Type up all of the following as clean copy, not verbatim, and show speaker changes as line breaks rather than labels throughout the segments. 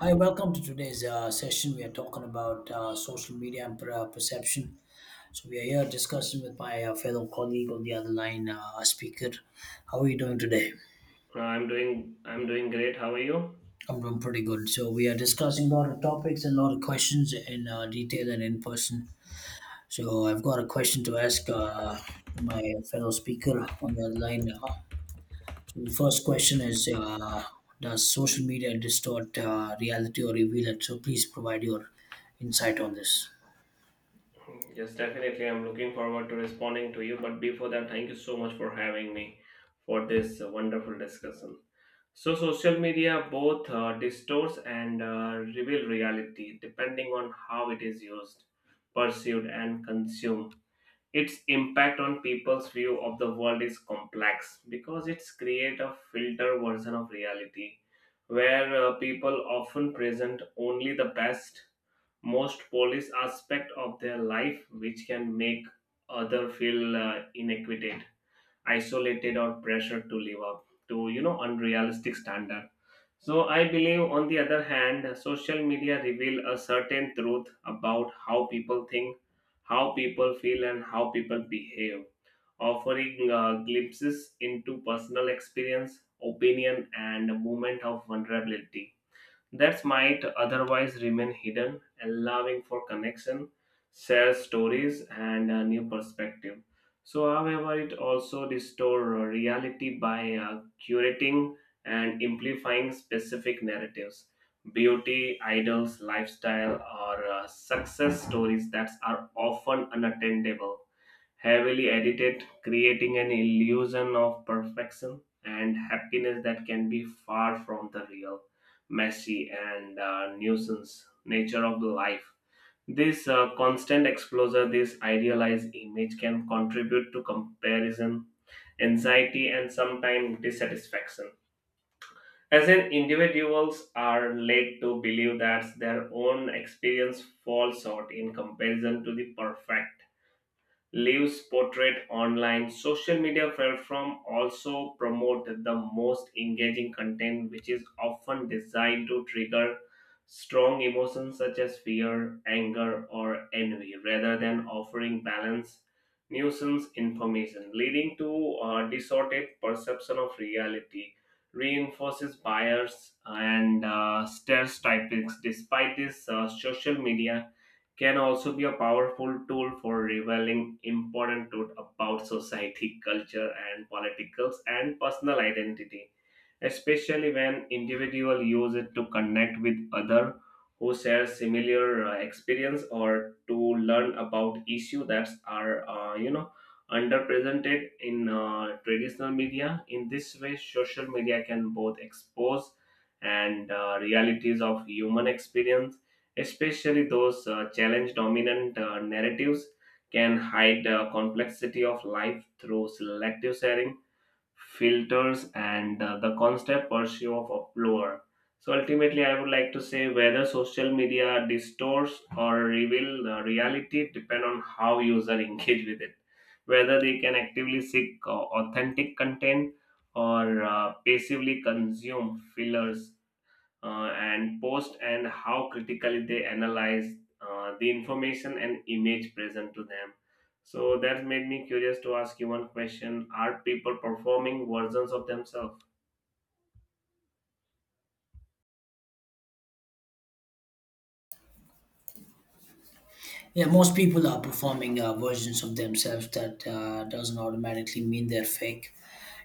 Hi, welcome to today's session. We are talking about social media and perception. So, we are here discussing with my fellow colleague on the other line, our speaker. How are you doing today?
I'm doing great. How are you?
I'm doing pretty good. So, we are discussing a lot of topics and a lot of questions in detail and in person. So, I've got a question to ask my fellow speaker on the other line. So, the first question is does social media distort reality or reveal it? So, please provide your insight on this.
Yes, definitely. I'm looking forward to responding to you. But before that, thank you so much for having me for this wonderful discussion. So, social media both distorts and reveal reality depending on how it is used, perceived, and consumed. Its impact on people's view of the world is complex because it's create a filter version of reality, where people often present only the best most police aspect of their life, which can make other feel inequited, isolated, or pressured to live up to unrealistic standard. So I believe, on the other hand, social media reveal a certain truth about how people think, how people feel, and how people behave, offering glimpses into personal experience, opinion, and movement of vulnerability that might otherwise remain hidden, allowing for connection, shared stories, and a new perspective. So, however, it also distorts reality by curating and amplifying specific narratives, beauty, idols, lifestyle, or success stories that are often unattainable, heavily edited, creating an illusion of perfection and happiness that can be far from the real, messy, and nuisance nature of life. This constant exposure, this idealized image, can contribute to comparison, anxiety, and sometimes dissatisfaction. As in, individuals are led to believe that their own experience falls short in comparison to the perfect lives portrait online. Social media platform also promote the most engaging content, which is often designed to trigger strong emotions such as fear, anger, or envy rather than offering balanced nuisance information, leading to a distorted perception of reality, reinforces bias and stereotypes. Despite this, social media can also be a powerful tool for revealing important truth about society, culture, and politicals and personal identity, especially when individual use it to connect with other who share similar experience or to learn about issues that are underrepresented in traditional media. In this way, social media can both expose and realities of human experience, especially those challenge dominant narratives, can hide the complexity of life through selective sharing, filters, and the constant pursuit of uproar. So ultimately, I would like to say whether social media distorts or reveal the reality depend on how user engage with it, whether they can actively seek authentic content or passively consume fillers, and post, and how critically they analyze the information and image present to them. So that made me curious to ask you one question: Are people performing versions of themselves?
Yeah, most people are performing versions of themselves that doesn't automatically mean they're fake.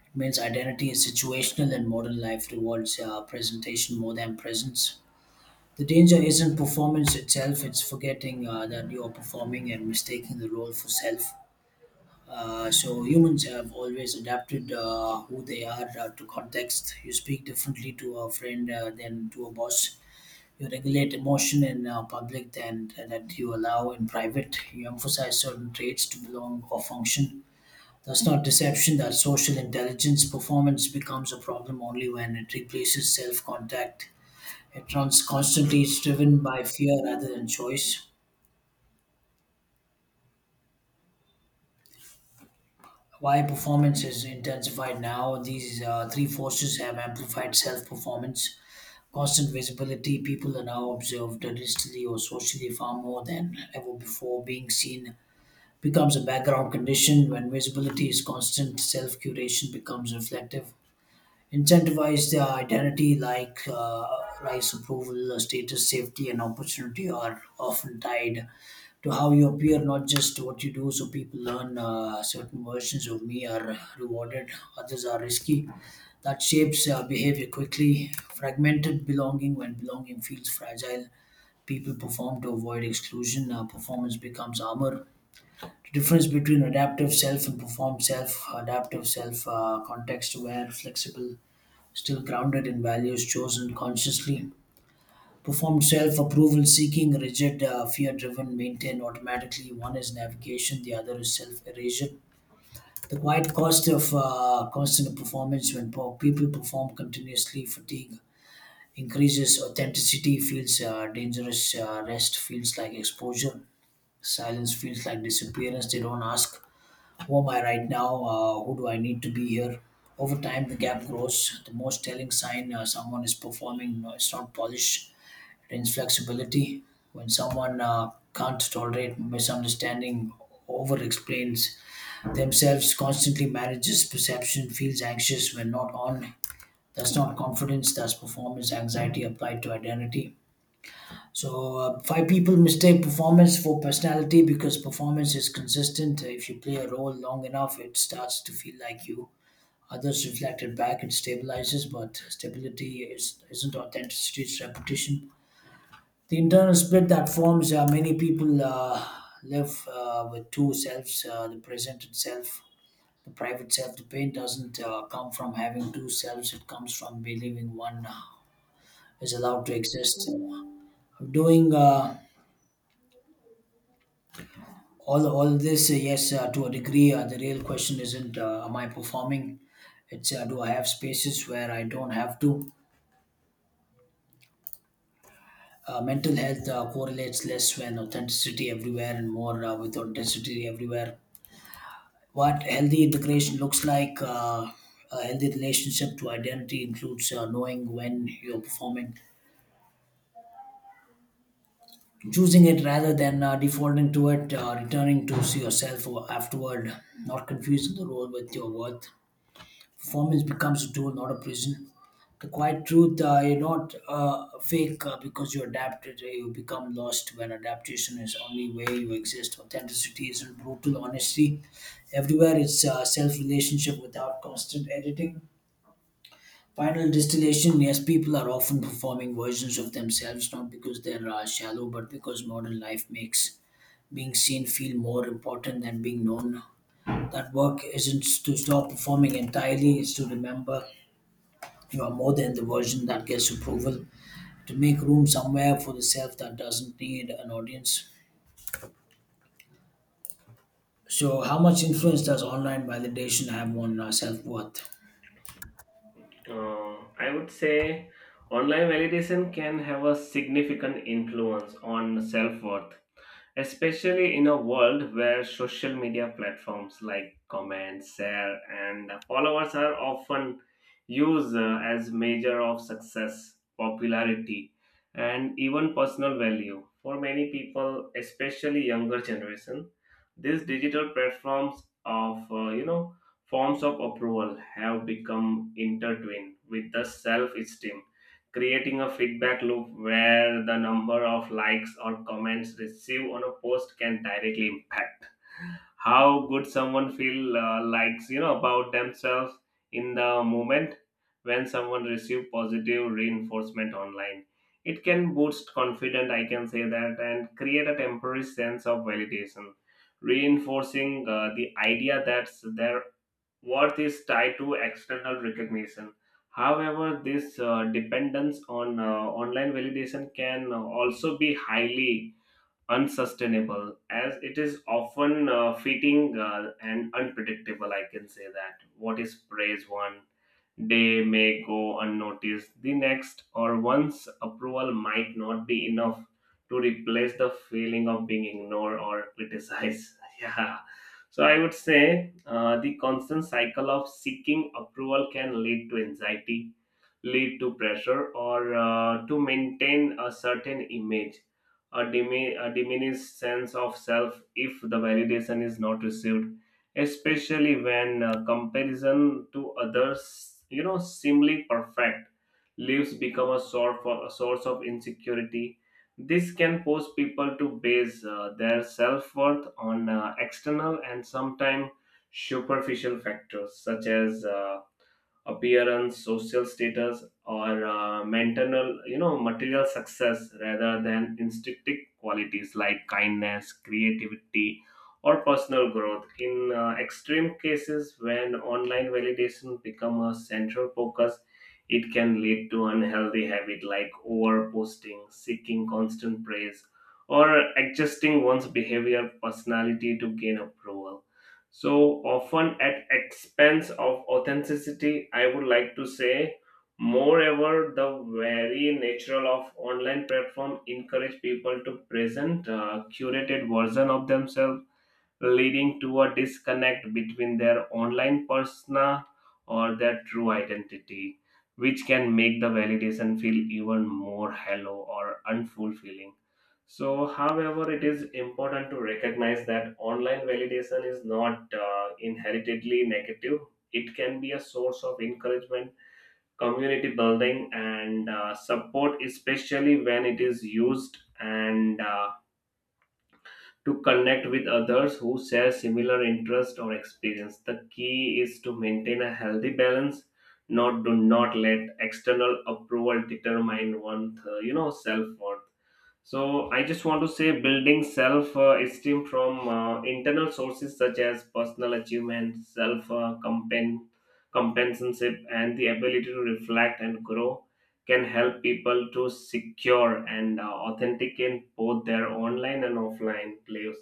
It means identity is situational and modern life rewards presentation more than presence. The danger isn't performance itself, it's forgetting that you're performing and mistaking the role for self. So humans have always adapted who they are to context. You speak differently to a friend than to a boss. You regulate emotion in public than that you allow in private. You emphasize certain traits to belong or function. That's not deception, that's social intelligence. Performance becomes a problem only when it replaces self contact. It runs constantly, it's driven by fear rather than choice. Why performance is intensified now? These three forces have amplified self performance. Constant visibility, people are now observed digitally or socially far more than ever before, being seen becomes a background condition. When visibility is constant, self curation becomes reflective, incentivize their identity like rise approval, status, safety, and opportunity are often tied to how you appear, not just what you do. So people learn certain versions of me are rewarded, others are risky. That shapes behavior quickly. Fragmented belonging, when belonging feels fragile, people perform to avoid exclusion. Performance becomes armor. The difference between adaptive self and performed self. Adaptive self, context aware, flexible, still grounded in values chosen consciously. Performed self, approval seeking, rigid, fear driven, maintained automatically. One is navigation, the other is self erasure. The quiet cost of constant performance, when people perform continuously, fatigue increases, authenticity feels dangerous, rest feels like exposure, silence feels like disappearance. They don't ask, who am I right now? Who do I need to be here? Over time, the gap grows. The most telling sign someone is performing is not polish, it is flexibility. When someone can't tolerate misunderstanding, over explains themselves, constantly manages perception, feels anxious when not on. That's not confidence, that's performance anxiety applied to identity. So five people mistake performance for personality because performance is consistent. If you play a role long enough, it starts to feel like you. Others reflect it back, it stabilizes, but stability isn't authenticity, it's repetition. The internal split that forms, many people live with two selves, the present itself, the private self. The pain doesn't come from having two selves, it comes from believing one is allowed to exist. Doing all this, yes, to a degree, the real question isn't am I performing, it's, do I have spaces where I don't have to. Mental health correlates less when authenticity everywhere and more with authenticity everywhere. What healthy integration looks like, a healthy relationship to identity includes knowing when you're performing, choosing it rather than defaulting to it, returning to see yourself afterward, not confusing the role with your worth. Performance becomes a tool, not a prison. The quiet truth, you're not fake because you adapted. You become lost when adaptation is only way you exist. Authenticity isn't brutal honesty. Everywhere it's self relationship without constant editing. Final distillation, yes, people are often performing versions of themselves, not because they're shallow, but because modern life makes being seen feel more important than being known. That work isn't to stop performing entirely, it's to remember you are more than the version that gets approval, to make room somewhere for the self that doesn't need an audience. So, how much influence does online validation have on self worth?
I would say online validation can have a significant influence on self worth, especially in a world where social media platforms like comments, share, and followers are often used as measure of success, popularity, and even personal value. For many people, especially younger generation, these digital platforms of forms of approval have become intertwined with the self-esteem, creating a feedback loop where the number of likes or comments received on a post can directly impact how good someone feel, likes, you know, about themselves in the moment. When someone receive positive reinforcement online, it can boost confidence, I can say that, and create a temporary sense of validation, reinforcing the idea that their worth is tied to external recognition. However, this dependence on online validation can also be highly unsustainable as it is often fitting and unpredictable. I can say that what is praise one, they may go unnoticed the next, or once approval might not be enough to replace the feeling of being ignored or criticized. Yeah. So I would say the constant cycle of seeking approval can lead to anxiety, lead to pressure, or to maintain a certain image, a, a diminished sense of self if the validation is not received, especially when comparison to others, you know, seemingly perfect lives become a source, a source of insecurity. This can force people to base their self worth on external and sometimes superficial factors such as appearance, social status, or mental, you know, material success rather than instinctive qualities like kindness, creativity, or personal growth. In extreme cases, when online validation become a central focus, it can lead to unhealthy habit like over posting, seeking constant praise, or adjusting one's behavior personality to gain approval, so often at expense of authenticity, I would like to say. Moreover, the very natural of online platform encourage people to present a curated version of themselves, leading to a disconnect between their online persona or their true identity, which can make the validation feel even more hollow or unfulfilling. So, however, it is important to recognize that online validation is not inheritedly negative. It can be a source of encouragement, community building, and support, especially when it is used and to connect with others who share similar interests or experience. The key is to maintain a healthy balance, not do not let external approval determine one's, self worth. So I just want to say building self esteem from internal sources such as personal achievement, self compensanship, and the ability to reflect and grow can help people to secure and authenticate both their online and offline lives,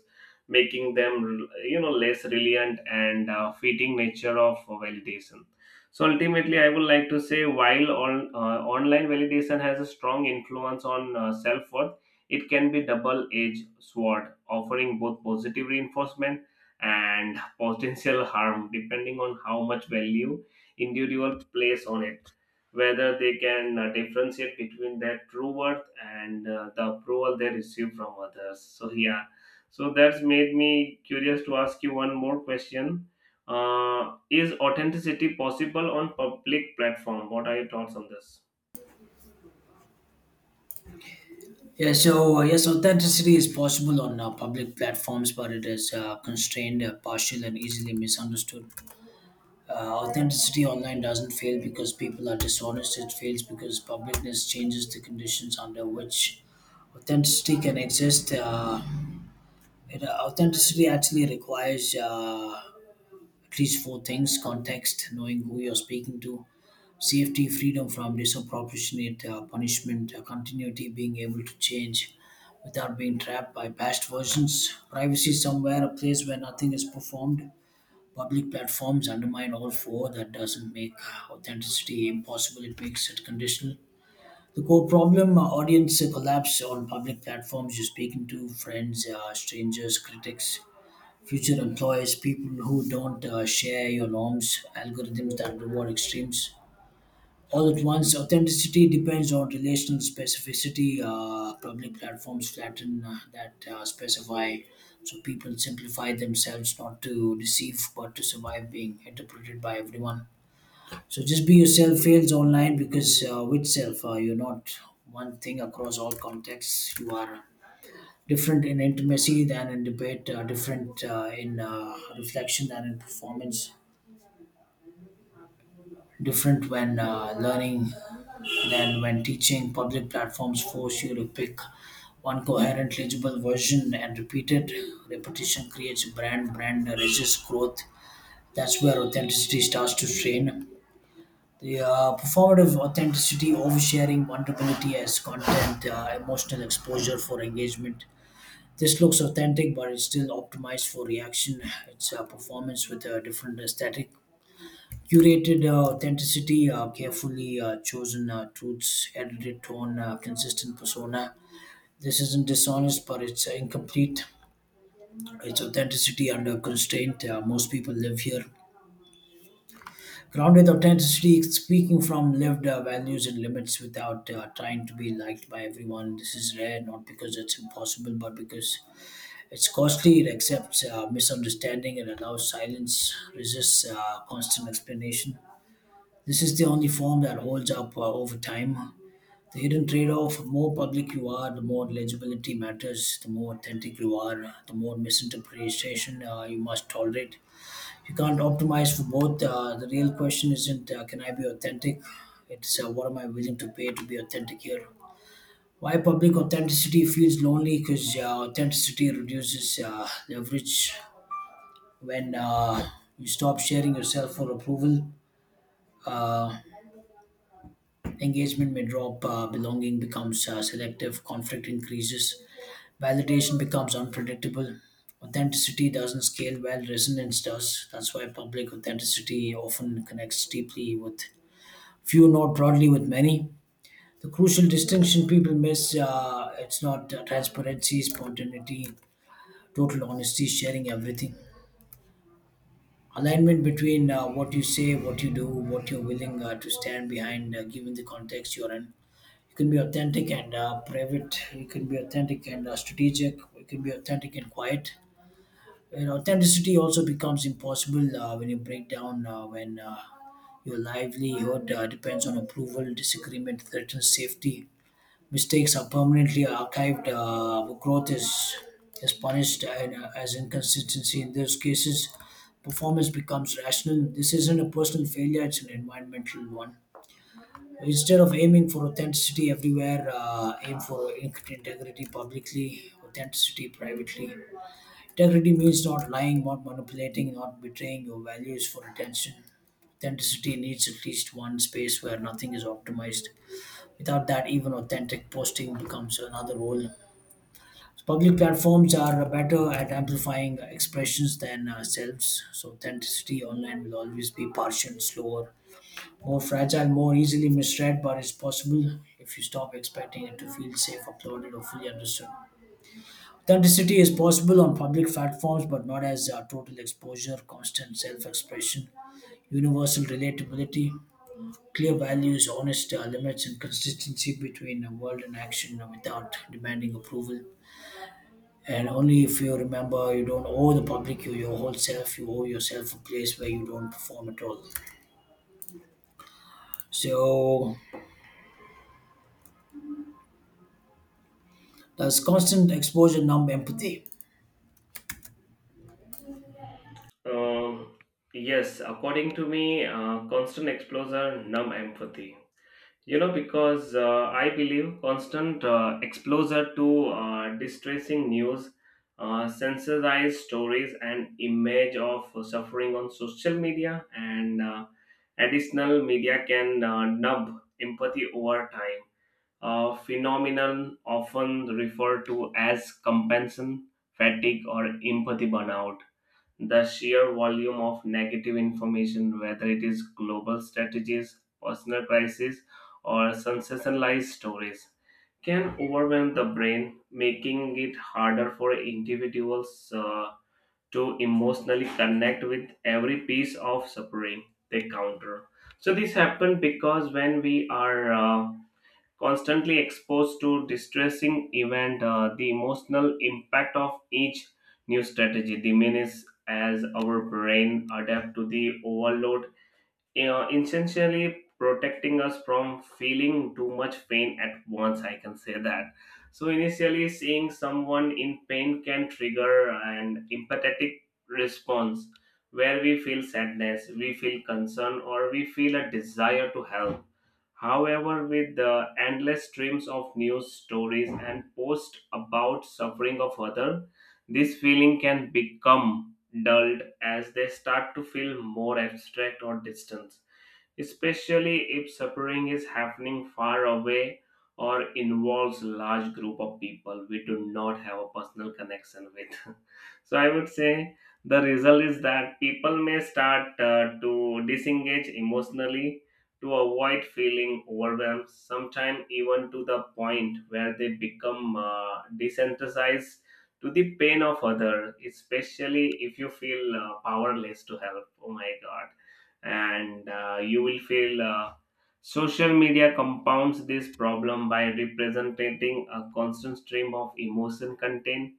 making them, less reliant and fitting nature of validation. So ultimately, I would like to say while online validation has a strong influence on self worth, it can be double-edged sword, offering both positive reinforcement and potential harm depending on how much value individual place on it. Whether they can differentiate between their true worth and the approval they receive from others. So yeah, so that's made me curious to ask you one more question. Is authenticity possible on public platform? What are your thoughts on this?
Yeah, so yes, authenticity is possible on public platforms, but it is constrained, partial, and easily misunderstood. Authenticity online doesn't fail because people are dishonest, it fails because publicness changes the conditions under which authenticity can exist. Authenticity actually requires these four things: context, knowing who you're speaking to, safety, freedom from disproportionate punishment, continuity, being able to change without being trapped by past versions, privacy somewhere, a place where nothing is performed. Public platforms undermine all four. That doesn't make authenticity impossible, it makes it conditional. The core problem, audience collapse on public platforms, you're speaking to friends, strangers, critics, future employers, people who don't share your norms, algorithms that reward extremes. All at once, authenticity depends on relational specificity. Public platforms flatten that specify, so people simplify themselves not to deceive, but to survive being interpreted by everyone. So just be yourself fails online because with self, you're not one thing across all contexts. You are different in intimacy than in debate, different in reflection than in performance, different when learning than when teaching. Public platforms force you to pick one coherent, legible version and repeated Repetition creates a brand, brand resists growth. That's where authenticity starts to strain. The performative authenticity, oversharing, vulnerability as content, emotional exposure for engagement. This looks authentic, but it's still optimized for reaction. It's a performance with a different aesthetic. Curated authenticity, carefully chosen truths, edited tone, consistent persona. This isn't dishonest, but it's incomplete. It's authenticity under constraint. Most people live here. Grounded authenticity, speaking from lived values and limits without trying to be liked by everyone. This is rare, not because it's impossible, but because it's costly, it accepts misunderstanding, it allows silence, resists constant explanation. This is the only form that holds up over time. The hidden trade off, the more public you are, the more legibility matters, the more authentic you are, the more misinterpretation you must tolerate. You can't optimize for both. The real question isn't, can I be authentic? It's, what am I willing to pay to be authentic here? Why public authenticity feels lonely? Because authenticity reduces leverage when you stop sharing yourself for approval, uh, engagement may drop, belonging becomes selective, conflict increases, validation becomes unpredictable. Authenticity doesn't scale well, resonance does. That's why public authenticity often connects deeply with few, not broadly with many. The crucial distinction people miss, it's not transparency, spontaneity, total honesty, sharing everything. Alignment between what you say, what you do, what you're willing to stand behind, given the context you're in. You can be authentic and private. You can be authentic and strategic. You can be authentic and quiet. And authenticity also becomes impossible when you break down when your livelihood depends on approval, disagreement threatens safety, mistakes are permanently archived. Growth is punished and, as inconsistency. In those cases, performance becomes rational. This isn't a personal failure; it's an environmental one. Instead of aiming for authenticity everywhere, aim for integrity publicly, authenticity privately. Integrity means not lying, not manipulating, not betraying your values for attention. Authenticity needs at least one space where nothing is optimized. Without that, even authentic posting becomes another role. So public platforms are better at amplifying expressions than selves, so authenticity online will always be partial, slower, more fragile, more easily misread, but it's possible if you stop expecting it to feel safe, uploaded, or fully understood. Authenticity is possible on public platforms, but not as total exposure, constant self expression, universal relatability, clear values, honest limits, and consistency between word and action without demanding approval. And only if you remember, you don't owe the public you your whole self. You owe yourself a place where you don't perform at all. So that's constant exposure numb empathy?
Uh, yes, according to me, constant exposure numb empathy. You know, because I believe constant exposure to distressing news, sensitized stories, and image of suffering on social media and additional media can numb empathy over time. A phenomenon often referred to as compensation fatigue or empathy burnout, the sheer volume of negative information, whether it is global strategies, personal crises, or sensationalized stories, can overwhelm the brain, making it harder for individuals to emotionally connect with every piece of suffering they counter. So, this happens because when we are constantly exposed to distressing event, the emotional impact of each new strategy diminishes as our brain adapt to the overload, you know, essentially protecting us from feeling too much pain at once, I can say that. So initially, seeing someone in pain can trigger an empathetic response where we feel sadness, we feel concern, or we feel a desire to help. However, with the endless streams of news stories and posts about suffering of other, this feeling can become dulled as they start to feel more abstract or distant, especially if suffering is happening far away or involves large group of people we do not have a personal connection with. So I would say the result is that people may start to disengage emotionally to avoid feeling overwhelmed, sometimes even to the point where they become desensitized to the pain of other, especially if you feel powerless to help, oh my god. And you will feel social media compounds this problem by representing a constant stream of emotion content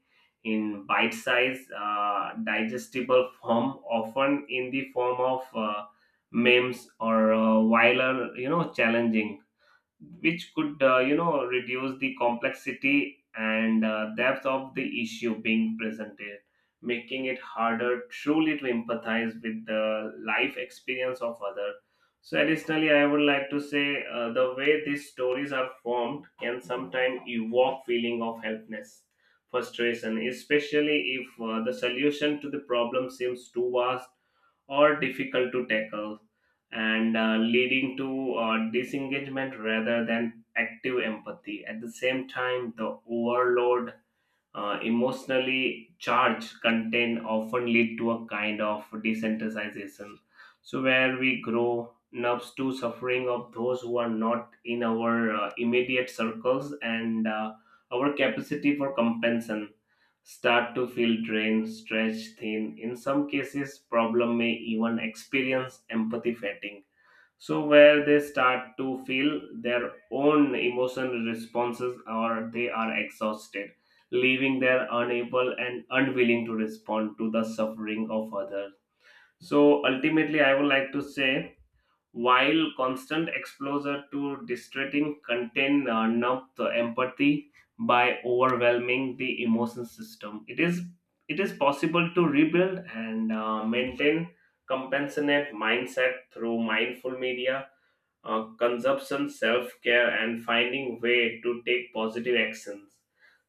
in bite size, digestible form, often in the form of memes or while, you know, challenging, which could, you know, reduce the complexity and depth of the issue being presented, making it harder truly to empathize with the life experience of other. So additionally, I would like to say the way these stories are formed can sometimes evoke feeling of helplessness, frustration, especially if the solution to the problem seems too vast or difficult to tackle, and leading to disengagement rather than active empathy. At the same time, the overload, emotionally charged content often lead to a kind of desensitization. So where we grow nubs to suffering of those who are not in our immediate circles, and our capacity for compensation start to feel drained, stretched thin. In some cases, problem may even experience empathy fatigue, so where they start to feel their own emotional responses or they are exhausted, leaving their unable and unwilling to respond to the suffering of others. So ultimately, I would like to say while constant exposure to distracting content numb the empathy by overwhelming the emotion system, it is possible to rebuild and maintain compassionate mindset through mindful media consumption, self-care, and finding way to take positive actions.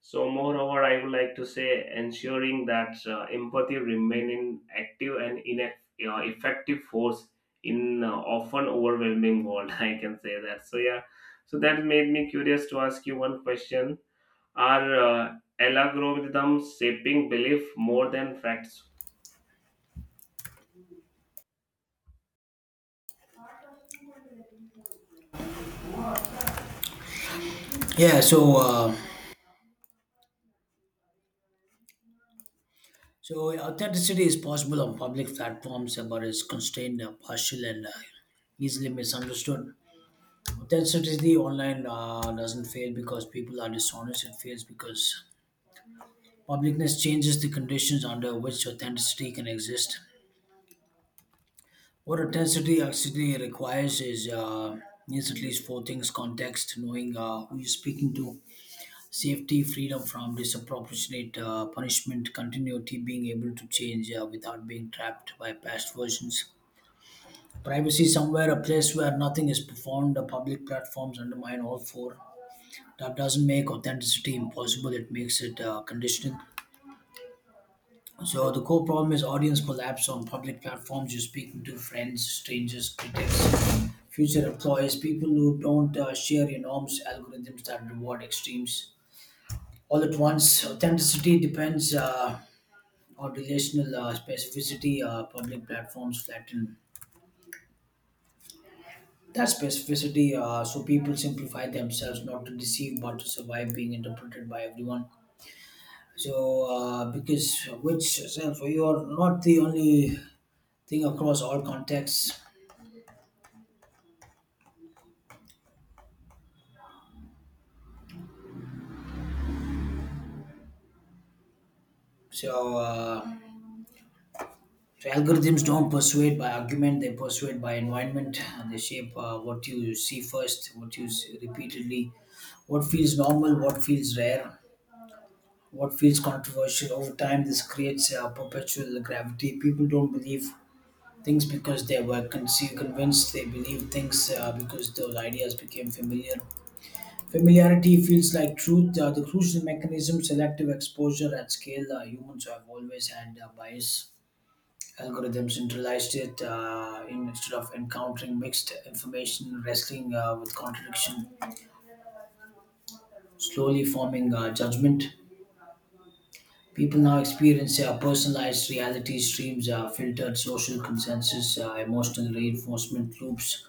So, moreover, I would like to say ensuring that empathy remain in active and in effective force in often overwhelming world. I can say that. So yeah, so that made me curious to ask you one question: Are algorithms shaping belief more than facts?
Yeah. So authenticity is possible on public platforms, but it's constrained, partial, and easily misunderstood. Authenticity online doesn't fail because people are dishonest. It fails because publicness changes the conditions under which authenticity can exist. What authenticity actually requires is at least four things: context, knowing who you're speaking to, safety, freedom from disproportionate punishment, continuity, being able to change without being trapped by past versions, privacy somewhere, a place where nothing is performed. The public platforms undermine all four. That doesn't make authenticity impossible; it makes it conditional. So the core problem is audience collapse on public platforms. You're speaking to friends, strangers, critics, future employees, people who don't share your norms, algorithms that reward extremes. All at once, authenticity depends on relational specificity. Public platforms flatten that specificity, so people simplify themselves not to deceive, but to survive being interpreted by everyone. So, because which self, you are not the only thing across all contexts. So, uh, so algorithms don't persuade by argument; they persuade by environment. They shape what you see first, what you see repeatedly, what feels normal, what feels rare, what feels controversial. Over time, this creates perpetual gravity. People don't believe things because they were convinced. They believe things because those ideas became familiar. Familiarity feels like truth. The crucial mechanism, selective exposure at scale. Humans have always had bias, algorithm centralized it instead of encountering mixed information, wrestling with contradiction, slowly forming judgment. People now experience personalized reality streams, filtered social consensus, emotional reinforcement loops.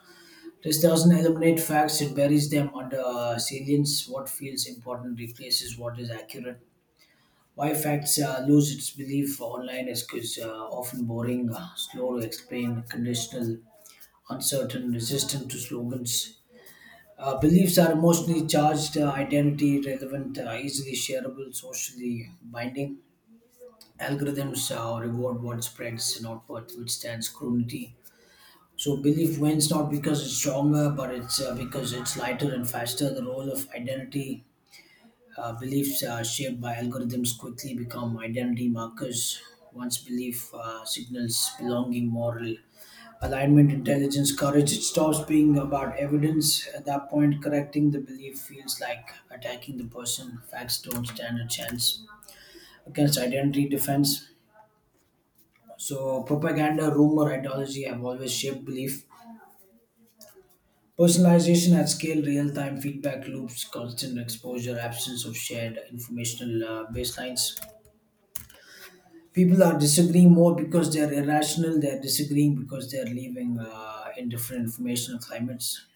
This doesn't eliminate facts, it buries them under salience. What feels important replaces what is accurate. Why facts lose its belief online is because often boring, slow to explain, conditional, uncertain, resistant to slogans. Beliefs are emotionally charged, identity relevant, easily shareable, socially binding. Algorithms reward what spreads, not what withstands scrutiny. So belief wins not because it's stronger, but it's because it's lighter and faster. The role of identity, beliefs shaped by algorithms quickly become identity markers. Once belief signals belonging, moral alignment, intelligence, courage. It stops being about evidence. At that point, correcting the belief feels like attacking the person. Facts don't stand a chance against identity defense. So, propaganda, rumor, ideology have always shaped belief. Personalization at scale, real time feedback loops, constant exposure, absence of shared informational baselines. People are disagreeing more because they're irrational, they're disagreeing because they're living in different informational climates.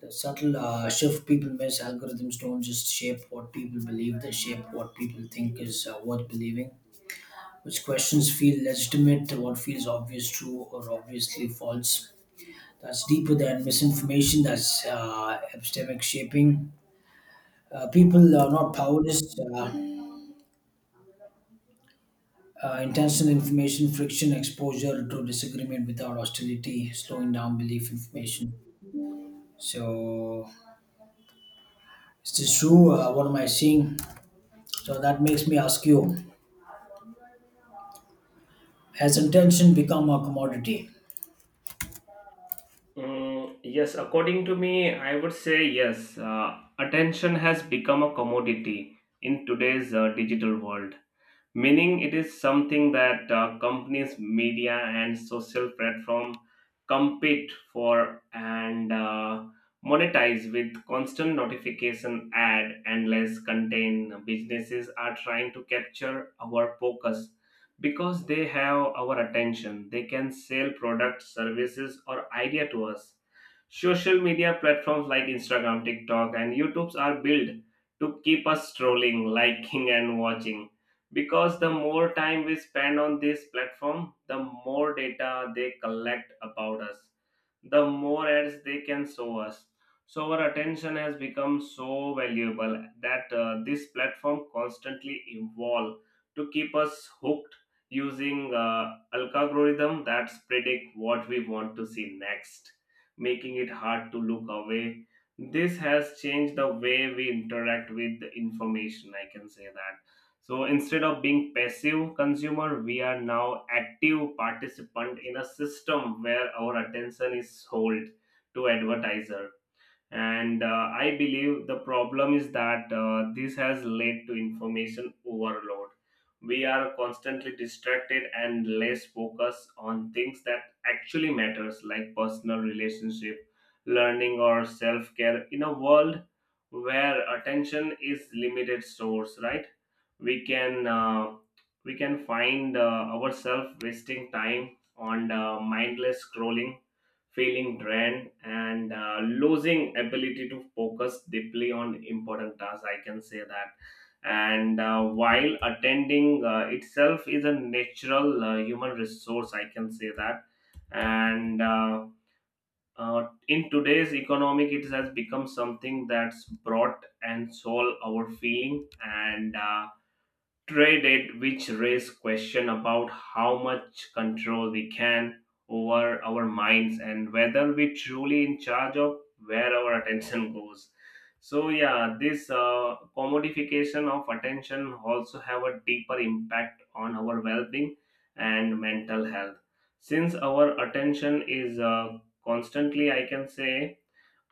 The subtle shift people miss, algorithms don't just shape what people believe, they shape what people think is worth believing. Which questions feel legitimate, what feels obvious, true, or obviously false. That's deeper than misinformation, that's epistemic shaping. People are not powerless. Uh, Intentional information, friction, exposure to disagreement without hostility, slowing down belief information. So, is this true? What am I seeing? So, that makes me ask you. Has intention become a commodity?
Mm, yes, according to me, I would say yes. Attention has become a commodity in today's digital world, meaning it is something that companies, media and social platform compete for and monetize. With constant notification, ad and less content, businesses are trying to capture our focus because they have our attention, they can sell products, services or idea to us. Social media platforms like Instagram, TikTok and YouTubes are built to keep us strolling, liking and watching, because the more time we spend on this platform, the more data they collect about us, the more ads they can show us. So our attention has become so valuable that this platform constantly evolve to keep us hooked, using algorithm that predict what we want to see next, making it hard to look away. This has changed the way we interact with the information, I can say that. So instead of being passive consumer, we are now active participant in a system where our attention is sold to advertiser. And I believe the problem is that this has led to information overload. We are constantly distracted and less focused on things that actually matters, like personal relationship, learning or self-care. In a world where attention is limited source, right, we can uh, we can find ourselves wasting time on mindless scrolling, feeling drained and losing ability to focus deeply on important tasks, I can say that. And while attending itself is a natural human resource, I can say that. And In today's economic, it has become something that's brought and soul, our feeling and traded, which raise question about how much control we can over our minds and whether we truly in charge of where our attention goes. So yeah, this commodification of attention also have a deeper impact on our well-being and mental health. Since our attention is constantly, I can say,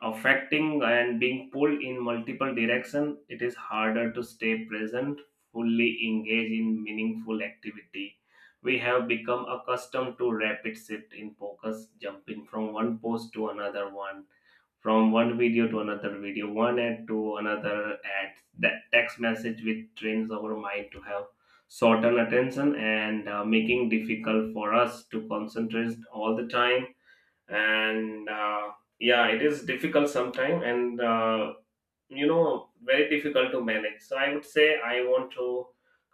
affecting and being pulled in multiple directions, it is harder to stay present, fully engage in meaningful activity. We have become accustomed to rapid shift in focus, jumping from one post to another one, from one video to another video, one ad to another ad, that text message, which trains our mind to have shortened attention and making difficult for us to concentrate all the time. And yeah, it is difficult sometimes, and very difficult to manage. So I would say I want to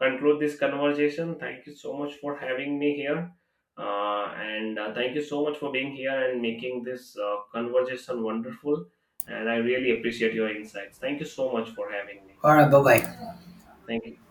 conclude this conversation. Thank you so much for having me here. And Thank you so much for being here and making this conversation wonderful, and I really appreciate your insights. Thank you so much for having me.
Alright, bye bye.
Thank you.